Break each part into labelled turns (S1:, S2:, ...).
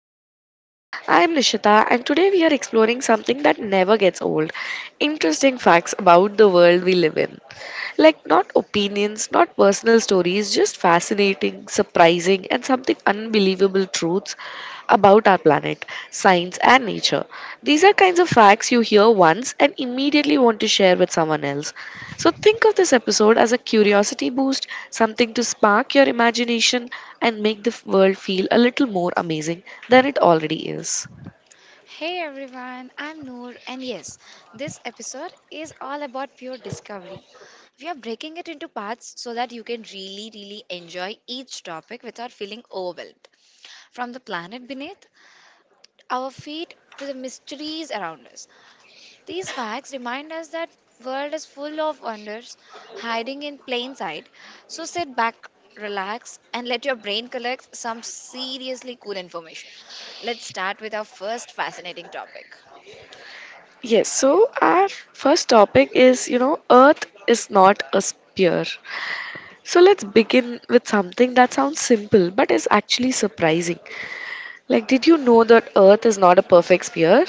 S1: our podcast. I am Nishita and today we are exploring something that never gets old. Interesting facts about the world we live in. Like, not opinions, not personal stories, just fascinating, surprising, and something unbelievable truths about our planet, science, and nature. These are kinds of facts you hear once and immediately want to share with someone else. So, think of this episode as a curiosity boost, something to spark your imagination and make the world feel a little more amazing than it already is.
S2: Hey everyone, I'm Noor, and yes, this episode is all about pure discovery. We are breaking it into parts so that you can really, really enjoy each topic without feeling overwhelmed. From the planet beneath our feet to the mysteries around us, these facts remind us that world is full of wonders hiding in plain sight. So sit back, relax, and let your brain collect some seriously cool information. Let's start with our first fascinating topic.
S1: Yes, so our first topic is, you know, Earth is not a sphere. So let's begin with something that sounds simple but is actually surprising. Like, did you know that Earth is not a perfect sphere?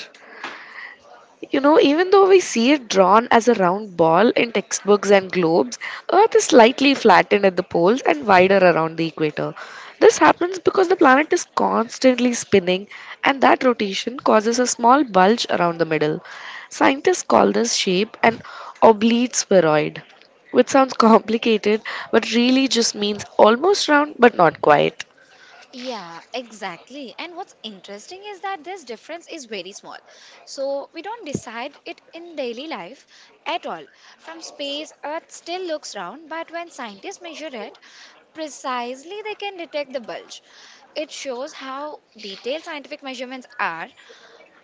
S1: You know, even though we see it drawn as a round ball in textbooks and globes, Earth is slightly flattened at the poles and wider around the equator. This happens because the planet is constantly spinning, and that rotation causes a small bulge around the middle. Scientists call this shape an oblate spheroid, which sounds complicated but really just means almost round but not quite.
S2: Yeah, exactly. And what's interesting is that this difference is very small. So we don't decide it in daily life at all. From space, Earth still looks round, but when scientists measure it, precisely they can detect the bulge. It shows how detailed scientific measurements are,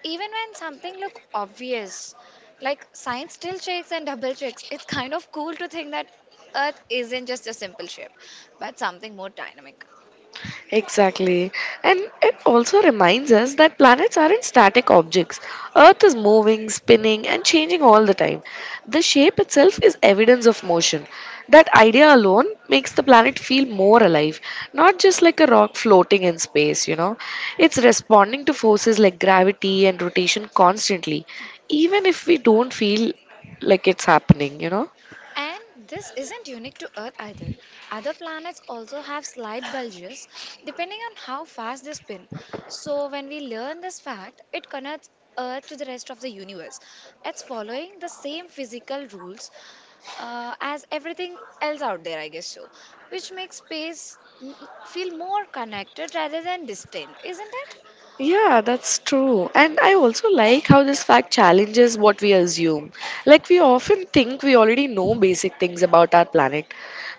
S2: even when something look obvious. Like science still checks and double checks. It's kind of cool to think that Earth isn't just a simple shape, but something more dynamic.
S1: Exactly. And it also reminds us that planets aren't static objects. Earth is moving, spinning, and changing all the time. The shape itself is evidence of motion. That idea alone makes the planet feel more alive, not just like a rock floating in space, you know. It's responding to forces like gravity and rotation constantly, even if we don't feel like it's happening, you know.
S2: And this isn't unique to Earth either. Other planets also have slight bulges depending on how fast they spin. So, when we learn this fact, it connects Earth to the rest of the universe. It's following the same physical rules as everything else out there, I guess so, which makes space feel more connected rather than distant, isn't it?
S1: Yeah, that's true. And I also like how this fact challenges what we assume. Like, we often think we already know basic things about our planet,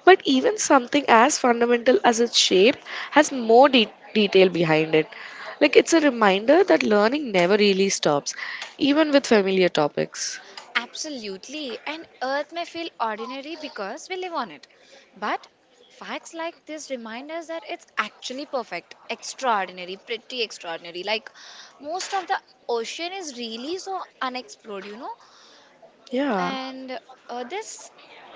S1: but even something as fundamental as its shape has more detail behind it. Like, it's a reminder that learning never really stops, even with familiar topics.
S2: Absolutely. And Earth may feel ordinary because we live on it. But facts like this remind us that it's actually perfect, extraordinary, pretty extraordinary. Like most of the ocean is really so unexplored?
S1: Yeah.
S2: And this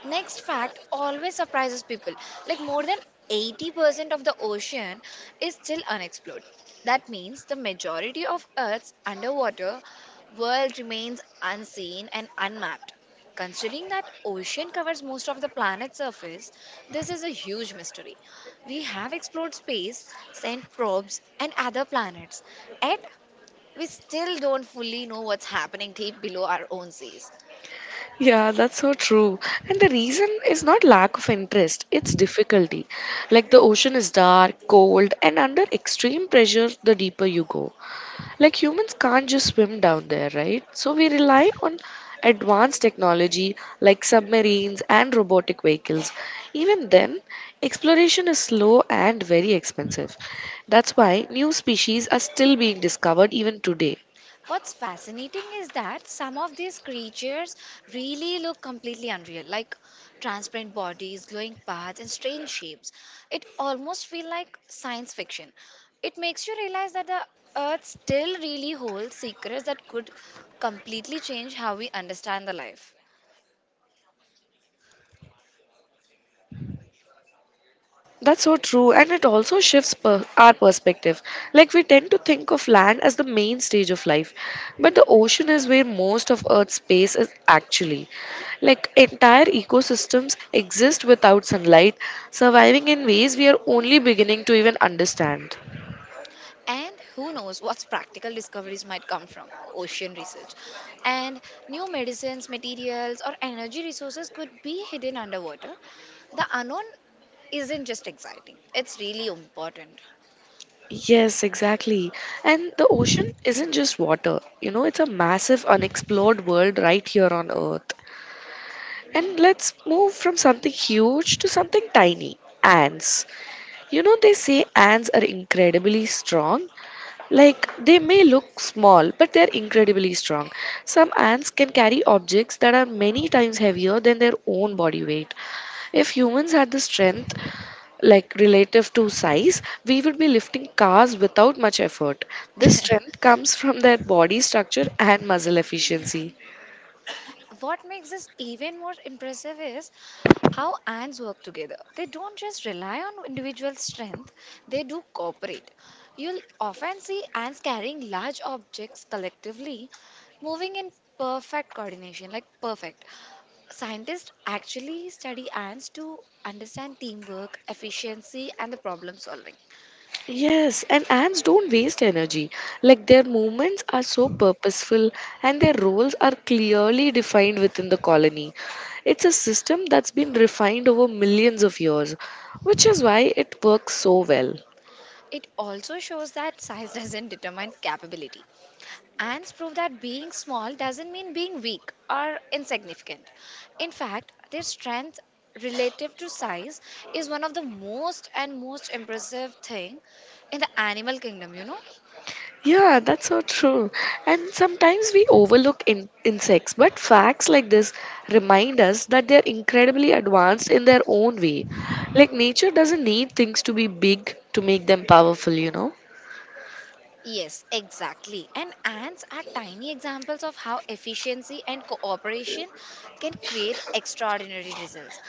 S2: next fact always surprises people. Like more than 80% of the ocean is still unexplored. That means the majority of Earth's underwater world remains unseen and unmapped. Considering that ocean covers most of the planet's surface, this is a huge mystery. We have explored space, sent probes, and other planets, yet we still don't fully know what's happening deep below our own seas.
S1: Yeah, that's so true. And the reason is not lack of interest, it's difficulty. Like the ocean is dark, cold, and under extreme pressure the deeper you go. Like humans can't just swim down there, right? So we rely on advanced technology like submarines and robotic vehicles. Even then, exploration is slow and very expensive. That's why new species are still being discovered even today.
S2: What's fascinating is that some of these creatures really look completely unreal, like transparent bodies, glowing paths, and strange shapes. It almost feels like science fiction. It makes you realize that the Earth still really holds secrets that could completely change how we understand the life.
S1: That's so true, and it also shifts our perspective. Like, we tend to think of land as the main stage of life, but the ocean is where most of Earth's space is actually. Like, entire ecosystems exist without sunlight, surviving in ways we are only beginning to even understand.
S2: And who knows what practical discoveries might come from ocean research. And new medicines, materials, or energy resources could be hidden underwater. The unknown isn't just exciting, it's really important.
S1: Yes, exactly. And the ocean isn't just water, you know, it's a massive unexplored world right here on Earth. And let's move from something huge to something tiny ants. You know, they say ants are incredibly strong. Like, they may look small, but they're incredibly strong. Some ants can carry objects that are many times heavier than their own body weight. If humans had the strength, like relative to size, we would be lifting cars without much effort. This strength comes from their body structure and muscle efficiency.
S2: What makes this even more impressive is how ants work together. They don't just rely on individual strength, they do cooperate. You'll often see ants carrying large objects collectively, moving in perfect coordination, like perfect. Scientists actually study ants to understand teamwork, efficiency, and the problem solving.
S1: Yes, and ants don't waste energy. Like their movements are so purposeful and their roles are clearly defined within the colony. It's a system that's been refined over millions of years, which is why it works so well.
S2: It also shows that size doesn't determine capability. Ants prove that being small doesn't mean being weak or insignificant. In fact, their strength relative to size is one of the most and most impressive thing in the animal kingdom?
S1: Yeah, that's so true. And sometimes we overlook insects, but facts like this remind us that they're incredibly advanced in their own way. Like nature doesn't need things to be big to make them powerful, you know?
S2: Yes, exactly. And ants are tiny examples of how efficiency and cooperation can create extraordinary results.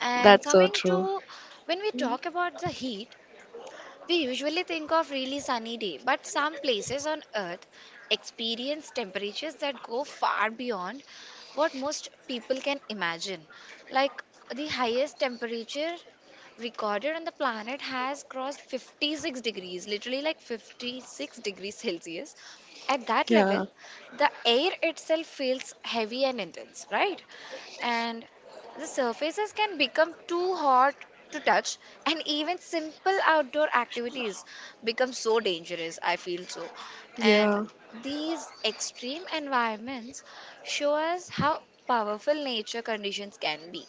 S2: And
S1: That's so
S2: coming
S1: true.
S2: to when we talk about the heat, we usually think of really sunny day, but some places on earth experience temperatures that go far beyond what most people can imagine. Like the highest temperature recorded on the planet has crossed 56 degrees, literally like 56 degrees Celsius. At that level,
S1: Yeah,
S2: the air itself feels heavy and intense, right? And the surfaces can become too hot to touch, and even simple outdoor activities become so dangerous. I feel so. And
S1: yeah.
S2: these extreme environments show us how powerful nature conditions can be.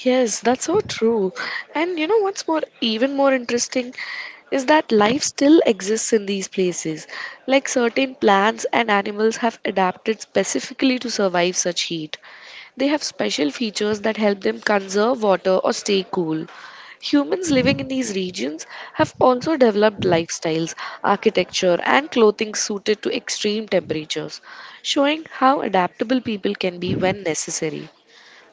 S1: Yes, that's so true. And you know what's more, even more interesting is that life still exists in these places. Like certain plants and animals have adapted specifically to survive such heat. They have special features that help them conserve water or stay cool. Humans living in these regions have also developed lifestyles, architecture, and clothing suited to extreme temperatures, showing how adaptable people can be when necessary.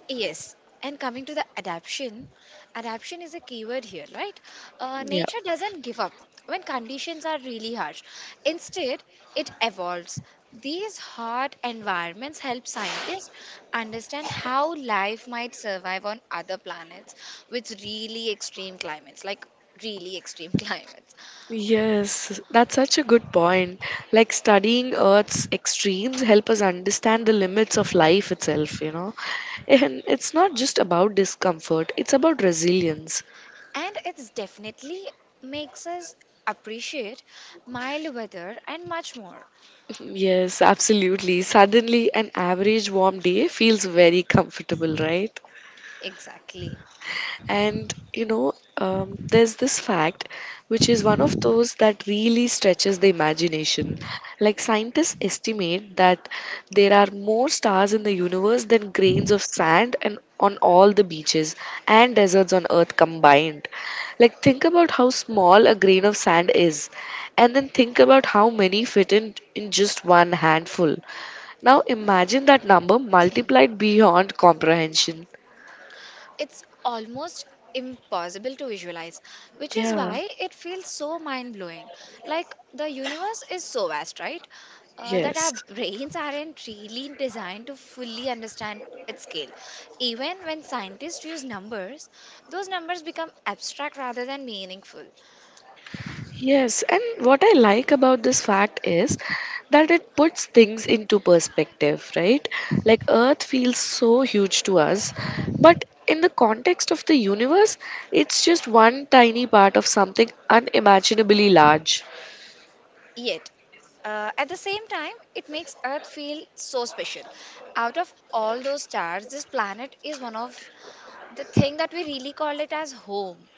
S2: Yes, and coming to the adaption, adaption is a keyword here, right?
S1: Yeah.
S2: Nature doesn't give up when conditions are really harsh. Instead, it evolves. These hard environments help scientists understand how life might survive on other planets with really extreme climates, like really extreme climates.
S1: Yes, that's such a good point. Like studying Earth's extremes help us understand the limits of life itself, you know. And it's not just about discomfort, it's about resilience.
S2: And it's definitely makes us appreciate mild weather and much more.
S1: Yes, absolutely. Suddenly, an average warm day feels very comfortable, right?
S2: Exactly.
S1: And you know, there's this fact, which is one of those that really stretches the imagination. Like scientists estimate that there are more stars in the universe than grains of sand and on all the beaches and deserts on Earth combined. Like think about how small a grain of sand is, and then think about how many fit in just one handful. Now imagine that number multiplied beyond comprehension.
S2: It's almost impossible to visualize, which is
S1: Yeah.
S2: why it feels so mind blowing. Like the universe is so vast, right? That
S1: Yes.
S2: our brains aren't really designed to fully understand its scale. Even when scientists use numbers, those numbers become abstract rather than meaningful.
S1: Yes, and what I like about this fact is that it puts things into perspective, right? Like Earth feels so huge to us, but in the context of the universe, it's just one tiny part of something unimaginably large.
S2: Yet, at the same time, it makes Earth feel so special. Out of all those stars, this planet is one of the thing that we really call it as home.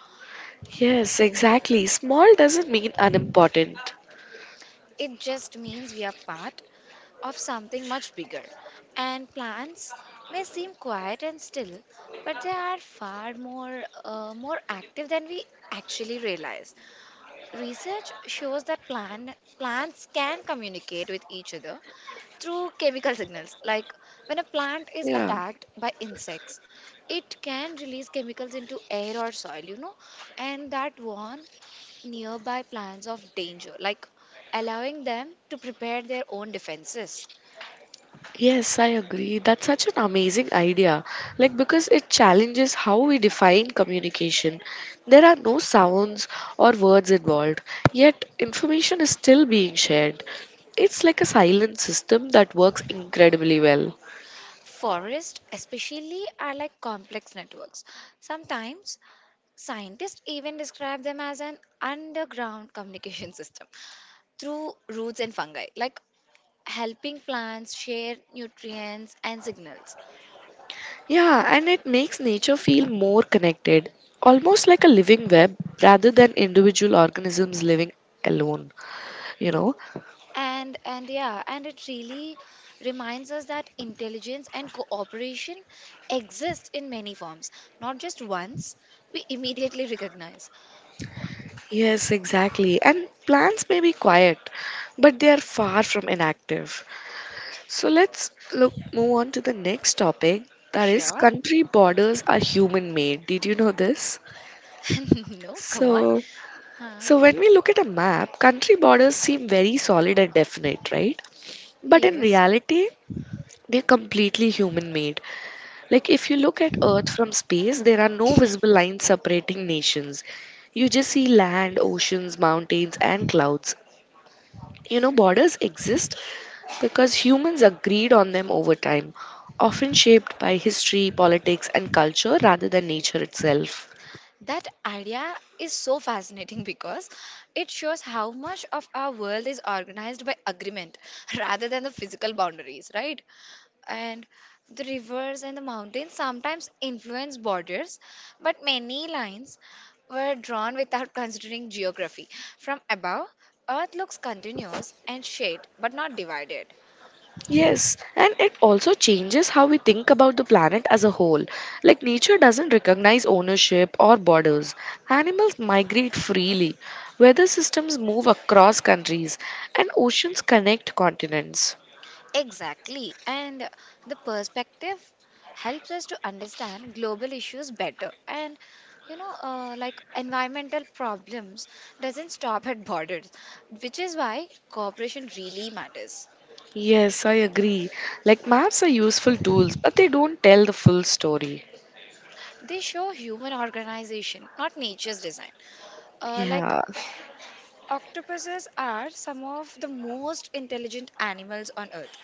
S1: Yes, exactly. Small doesn't mean unimportant.
S2: It just means we are part of something much bigger. And plants may seem quiet and still, but they are far more more active than we actually realize. Research shows that plants can communicate with each other through chemical signals. Like when a plant is
S1: Yeah.
S2: attacked by insects, it can release chemicals into air or soil, and that warn nearby plans of danger, like allowing them to prepare their own defenses.
S1: Yes, I agree. That's such an amazing idea. Like, because it challenges how we define communication. There are no sounds or words involved, yet, information is still being shared. It's like a silent system that works incredibly well.
S2: Forests, especially, are like complex networks. Sometimes scientists even describe them as an underground communication system through roots and fungi, like helping plants share nutrients and signals.
S1: Yeah, and it makes nature feel more connected, almost like a living web rather than individual organisms living alone, you know?
S2: And yeah, and it really reminds us that intelligence and cooperation exist in many forms, not just ones we immediately recognize.
S1: Yes, exactly. And plants may be quiet, but they are far from inactive. So let's look move on to the next topic, that is
S2: Sure?
S1: country borders are human made. Did you know this?
S2: No, come on.
S1: So
S2: Huh.
S1: when we look at a map, country borders seem very solid and definite, right? But in
S2: Yes.
S1: reality, they're completely human made. Like if you look at Earth from space, there are no visible lines separating nations. You just see land, oceans, mountains, and clouds. You know, borders exist because humans agreed on them over time, often shaped by history, politics, and culture rather than nature itself.
S2: That idea is so fascinating because it shows how much of our world is organized by agreement rather than the physical boundaries, right? And the rivers and the mountains sometimes influence borders, but many lines were drawn without considering geography. From above, Earth looks continuous and shaped but not divided.
S1: Yes, and it also changes how we think about the planet as a whole. Like, nature doesn't recognize ownership or borders. Animals migrate freely, weather systems move across countries, and oceans connect continents.
S2: Exactly. And the perspective helps us to understand global issues better. And like environmental problems doesn't stop at borders, which is why cooperation really matters.
S1: Yes, I agree. Like, maps are useful tools, but they don't tell the full story.
S2: They show human organization, not nature's design. Like
S1: Yeah.
S2: octopuses are some of the most intelligent animals on Earth.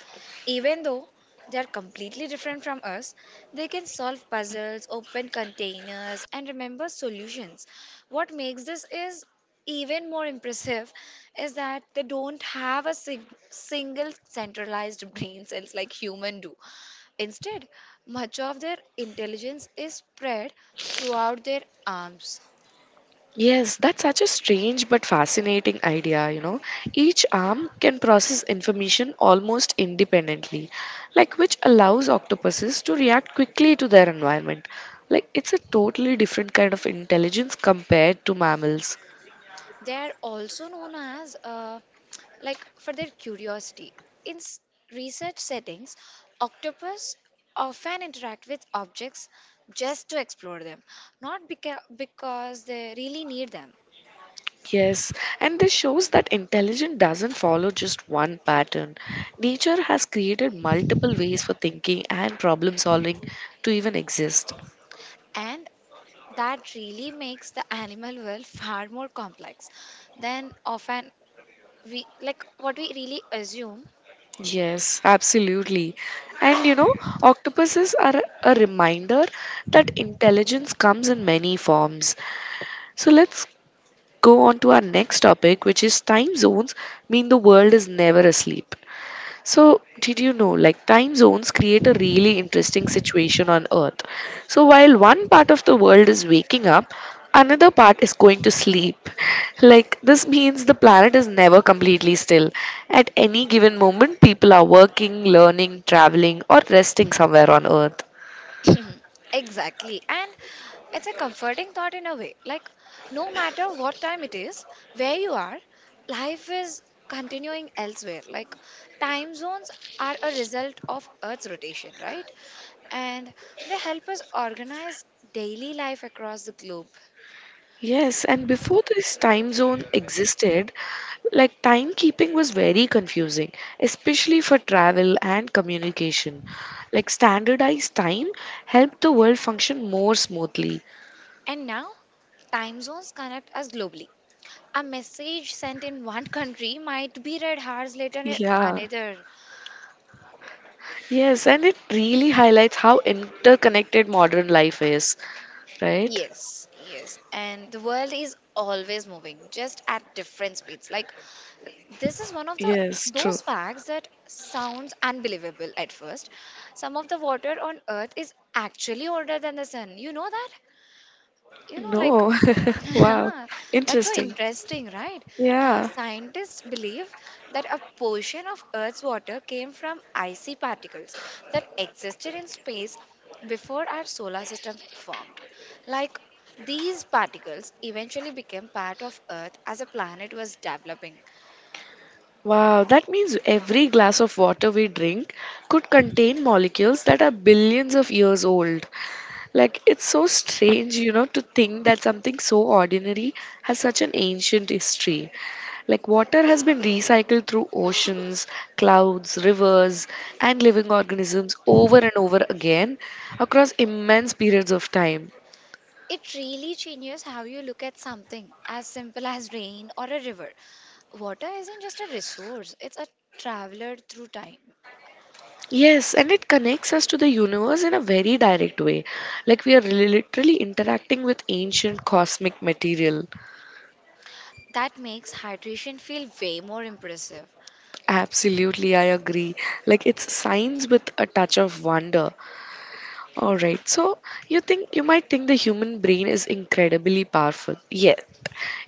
S2: Even though they are completely different from us, they can solve puzzles, open containers, and remember solutions. What makes this is even more impressive is that they don't have a single centralized brain cells like human do. Instead, much of their intelligence is spread throughout their arms.
S1: Yes, that's such a strange but fascinating idea, you know. Each arm can process information almost independently, like which allows octopuses to react quickly to their environment. Like it's a totally different kind of intelligence compared to mammals.
S2: They are also known as like for their curiosity. In research settings, octopus often interact with objects just to explore them, not because they really need them.
S1: Yes, and this shows that intelligence doesn't follow just one pattern. Nature has created multiple ways for thinking and problem solving to even exist.
S2: And that really makes the animal world far more complex than often we like what we really assume.
S1: Yes, absolutely. And you know, octopuses are a reminder that intelligence comes in many forms. So let's go on to our next topic, which is time zones mean the world is never asleep. So, did you know, like, time zones create a really interesting situation on Earth. So, while one part of the world is waking up, another part is going to sleep. Like, this means the planet is never completely still. At any given moment, people are working, learning, traveling, or resting somewhere on Earth.
S2: Exactly. And it's a comforting thought in a way. Like, no matter what time it is, where you are, life is continuing elsewhere. Like, time zones are a result of Earth's rotation, right? And they help us organize daily life across the globe.
S1: Yes, and before this time zone existed, like timekeeping was very confusing, especially for travel and communication. Like standardized time helped the world function more smoothly.
S2: And now, time zones connect us globally. A message sent in one country might be read hours later in
S1: Yeah.
S2: another.
S1: Yes, and it really highlights how interconnected modern life is, right?
S2: Yes, yes. And the world is always moving, just at different speeds. Like, this is one of the
S1: Yes, true.
S2: those facts that sounds unbelievable at first. Some of the water on Earth is actually older than the sun. You know that? you know like
S1: No. Wow.
S2: that's so
S1: Interesting.
S2: interesting, right?
S1: Yeah.
S2: Scientists believe that a portion of earth's water came from icy particles that existed in space before our solar system formed, like these particles eventually became part of earth as a planet was developing.
S1: Wow, that means every glass of water we drink could contain molecules that are billions of years old. Like, it's so strange, you know, to think that something so ordinary has such an ancient history. Like, water has been recycled through oceans, clouds, rivers, and living organisms over and over again across immense periods of time.
S2: It really changes how you look at something as simple as rain or a river. Water isn't just a resource, it's a traveler through time.
S1: Yes, and it connects us to the universe in a very direct way. Like we are literally interacting with ancient cosmic material.
S2: That makes hydration feel way more impressive.
S1: Absolutely, I agree. Like it's science with a touch of wonder. All right. So, you think you might think the human brain is incredibly powerful. Yes,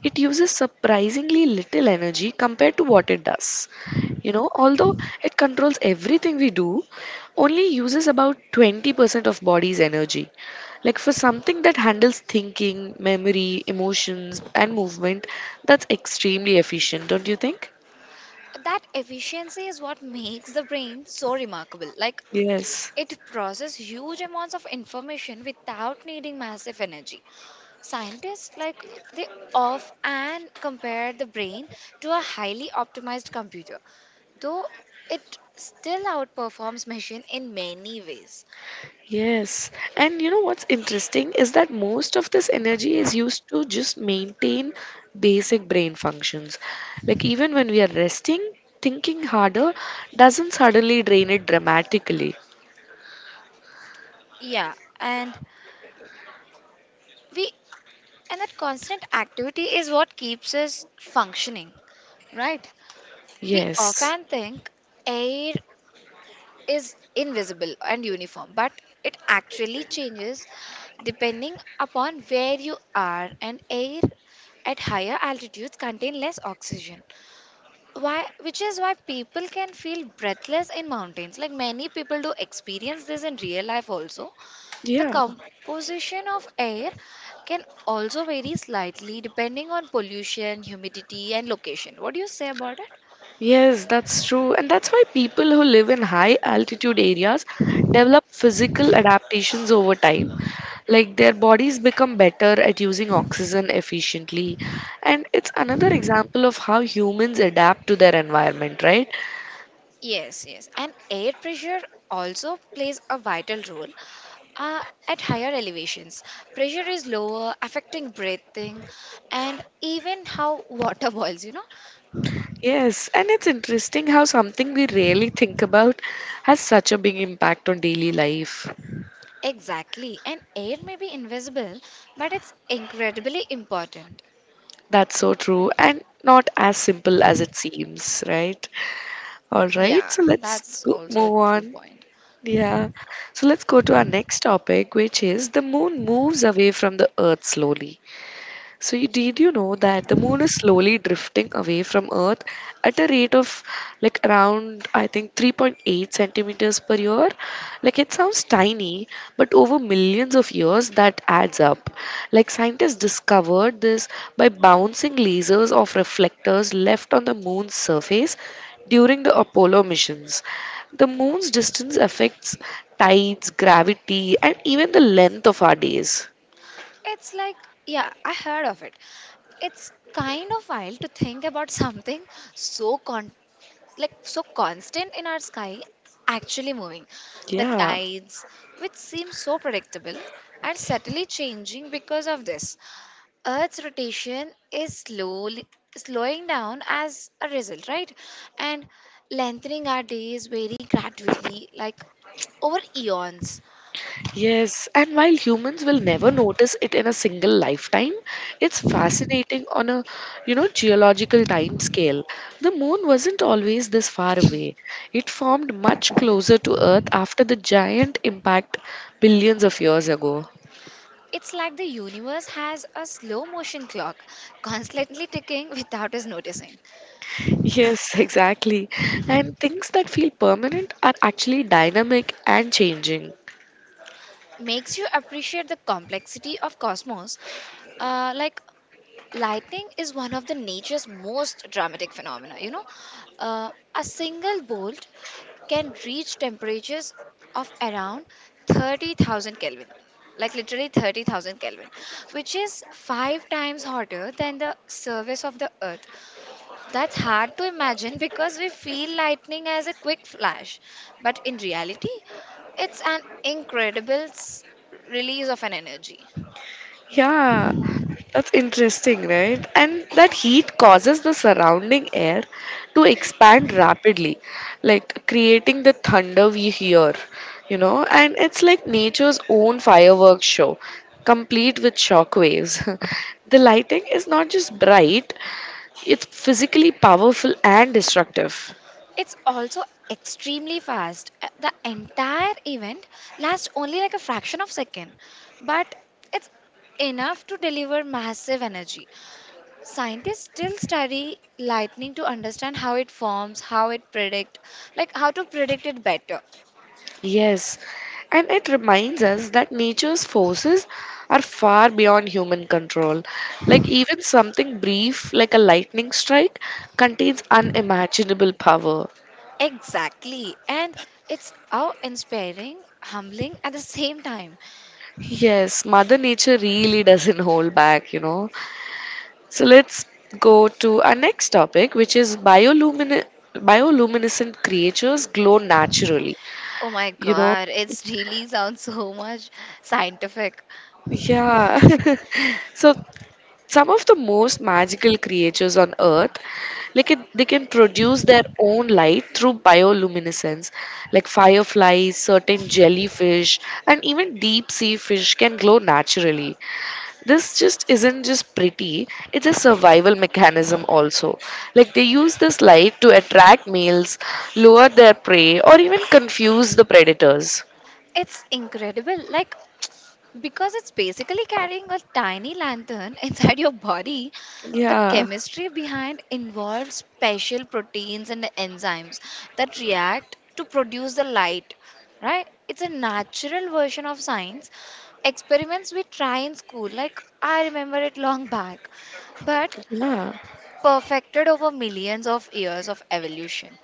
S1: it uses surprisingly little energy compared to what it does. You know, although it controls everything we do, only uses about 20% of body's energy. Like for something that handles thinking, memory, emotions, and movement, that's extremely efficient, don't you think?
S2: That efficiency is what makes the brain so remarkable. Like
S1: Yes.
S2: it processes huge amounts of information without needing massive energy. Scientists, like they off and compare the brain to a highly optimized computer, though it still outperforms machine in many ways.
S1: Yes, and you know what's interesting is that most of this energy is used to just maintain basic brain functions. Like, even when we are resting, thinking harder doesn't suddenly drain it dramatically.
S2: Yeah, and we and that constant activity is what keeps us functioning, right? We
S1: Yes.
S2: often think air is invisible and uniform, but it actually changes depending upon where you are, and air at higher altitudes contain less oxygen. Why, which is why people can feel breathless in mountains. Like many people do experience this in real life also. The
S1: Yeah.
S2: composition of air can also vary slightly depending on pollution, humidity, and location. What do you say about it?
S1: Yes, that's true. And that's why people who live in high altitude areas develop physical adaptations over time. Like their bodies become better at using oxygen efficiently. And it's another example of how humans adapt to their environment, right?
S2: Yes, yes. And air pressure also plays a vital role. Uh, at higher elevations, pressure is lower, affecting breathing and even how water boils?
S1: Yes, and it's interesting how something we rarely think about has such a big impact on daily life.
S2: Exactly. And air may be invisible, but it's incredibly important.
S1: That's so true. And not as simple as it seems, right? All right,
S2: Yeah,
S1: so let's
S2: that's
S1: go,
S2: also a
S1: move
S2: true
S1: on.
S2: point.
S1: Yeah. So let's go to our next topic, which is the moon moves away from the earth slowly. Did you know that the moon is slowly drifting away from Earth at a rate of like around, I think, 3.8 centimeters per year? Like, it sounds tiny, but over millions of years, that adds up. Like, scientists discovered this by bouncing lasers off reflectors left on the moon's surface during the Apollo missions. The moon's distance affects tides, gravity, and even the length of our days.
S2: It's like, yeah, I heard of it. It's kind of wild to think about something so so constant in our sky actually moving. The
S1: Yeah.
S2: tides, which seem so predictable, are subtly changing because of this. Earth's rotation is slowly slowing down as a result, right? And lengthening our days very gradually, like over eons.
S1: Yes, and while humans will never notice it in a single lifetime, it's fascinating on a geological time scale. The moon wasn't always this far away. It formed much closer to Earth after the giant impact billions of years ago.
S2: It's like the universe has a slow motion clock constantly ticking without us noticing.
S1: Yes, exactly. And things that feel permanent are actually dynamic and changing.
S2: Makes you appreciate the complexity of cosmos. Like lightning is one of the nature's most dramatic phenomena. You know, a single bolt can reach temperatures of around 30,000 Kelvin, like literally 30,000 Kelvin, which is five times hotter than the surface of the Earth. That's hard to imagine because we feel lightning as a quick flash, but in reality, it's an incredible release of an energy.
S1: Yeah, that's interesting, right? And that heat causes the surrounding air to expand rapidly, like creating the thunder we hear, And it's like nature's own fireworks show, complete with shock waves. The lighting is not just bright, it's physically powerful and destructive.
S2: It's also extremely fast. The entire event lasts only like a fraction of second, but it's enough to deliver massive energy. Scientists still study lightning to understand how it forms, how it predict, like how to predict it better.
S1: Yes, and it reminds us that nature's forces are far beyond human control. Like, even something brief, like a lightning strike, contains unimaginable power.
S2: Exactly. And it's how inspiring, humbling at the same time.
S1: Yes, Mother Nature really doesn't hold back, you know. So, let's go to our next topic, which is bioluminescent creatures glow naturally,
S2: Oh my
S1: you know.
S2: god, it's really sounds so much scientific.
S1: Yeah. So some of the most magical creatures on earth they can produce their own light through bioluminescence, like fireflies, certain jellyfish, and even deep sea fish can glow naturally. This just isn't just pretty, it's a survival mechanism also. Like, they use this light to attract males, lure their prey, or even confuse the predators.
S2: It's incredible. Like because it's basically carrying a tiny lantern inside your body, the
S1: Yeah,
S2: chemistry behind involves special proteins and enzymes that react to produce the light, right? It's a natural version of science. Experiments we try in school, like I remember it long back, but
S1: yeah.
S2: perfected over millions of years of evolution.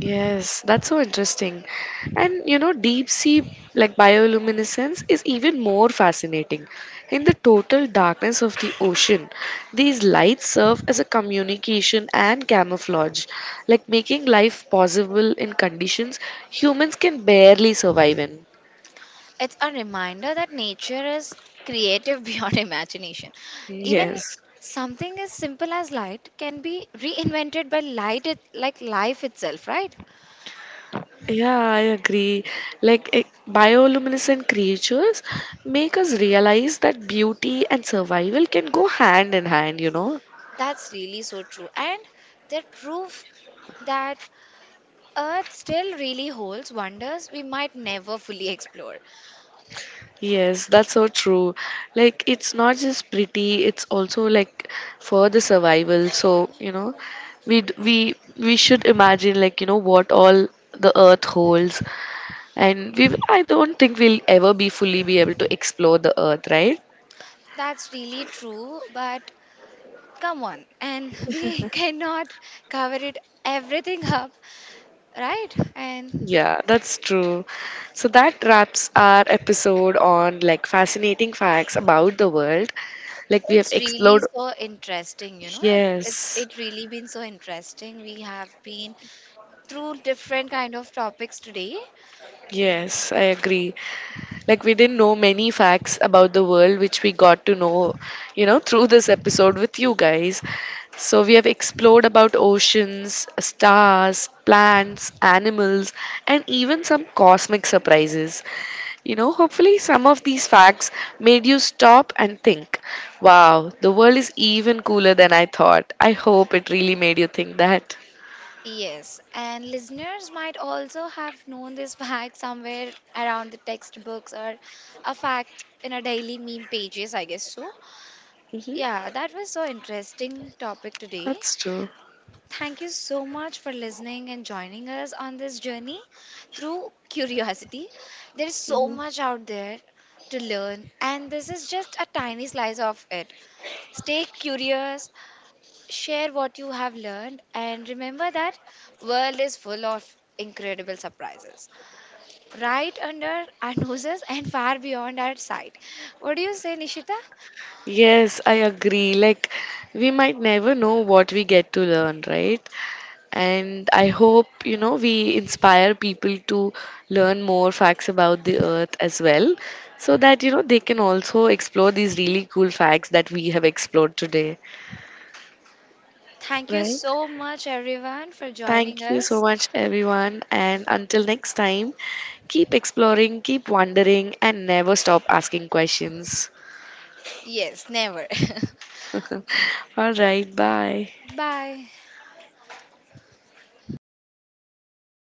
S1: Yes, that's so interesting. And you know, deep sea like bioluminescence is even more fascinating. In the total darkness of the ocean, these lights serve as a communication and camouflage, like making life possible in conditions humans can barely survive in.
S2: It's a reminder that nature is creative beyond imagination. Even
S1: Yes.
S2: something as simple as light can be reinvented by light, like life itself, right?
S1: Yeah, I agree. Like bioluminescent creatures make us realize that beauty and survival can go hand in hand, you know.
S2: That's really so true. And that proof that Earth still really holds wonders we might never fully explore.
S1: Yes, that's so true. Like, it's not just pretty, it's also like for the survival. So, you know, we d- we should imagine, like, you know, what all the earth holds, and we I don't think we'll ever be fully be able to explore the earth, right?
S2: That's really true, but come on, and we cannot cover it everything up, right? And
S1: Yeah, that's true. So that wraps our episode on like fascinating facts about the world. Like, we have
S2: it's really
S1: explored.
S2: so interesting. It, it's
S1: Yes.
S2: it really been so interesting. We have been through different kind of topics today.
S1: Yes, I agree. Like, we didn't know many facts about the world which we got to know, you know, through this episode with you guys. So we have explored about oceans, stars, plants, animals, and even some cosmic surprises. You know, hopefully some of these facts made you stop and think, wow, the world is even cooler than I thought. I hope it really made you think that.
S2: Yes, and listeners might also have known this fact somewhere around the textbooks or a fact in a daily meme pages, I guess so.
S1: Hmm.
S2: Yeah, that was so interesting topic today.
S1: That's true.
S2: Thank you so much for listening and joining us on this journey through curiosity. There is so much out there to learn, and this is just a tiny slice of it. Stay curious, share what you have learned, and remember that world is full of incredible surprises right under our noses and far beyond our sight. What do you say, Nishita?
S1: Yes, I agree. Like, we might never know what we get to learn, right? And I hope, you know, we inspire people to learn more facts about the earth as well, so that, you know, they can also explore these really cool facts that we have explored today,
S2: Thank you
S1: right?
S2: so much, everyone, for joining
S1: Thank you so
S2: us.
S1: much, everyone. And until next time, keep exploring, keep wondering, and never stop asking questions.
S2: Yes, never.
S1: All right, bye.
S2: Bye.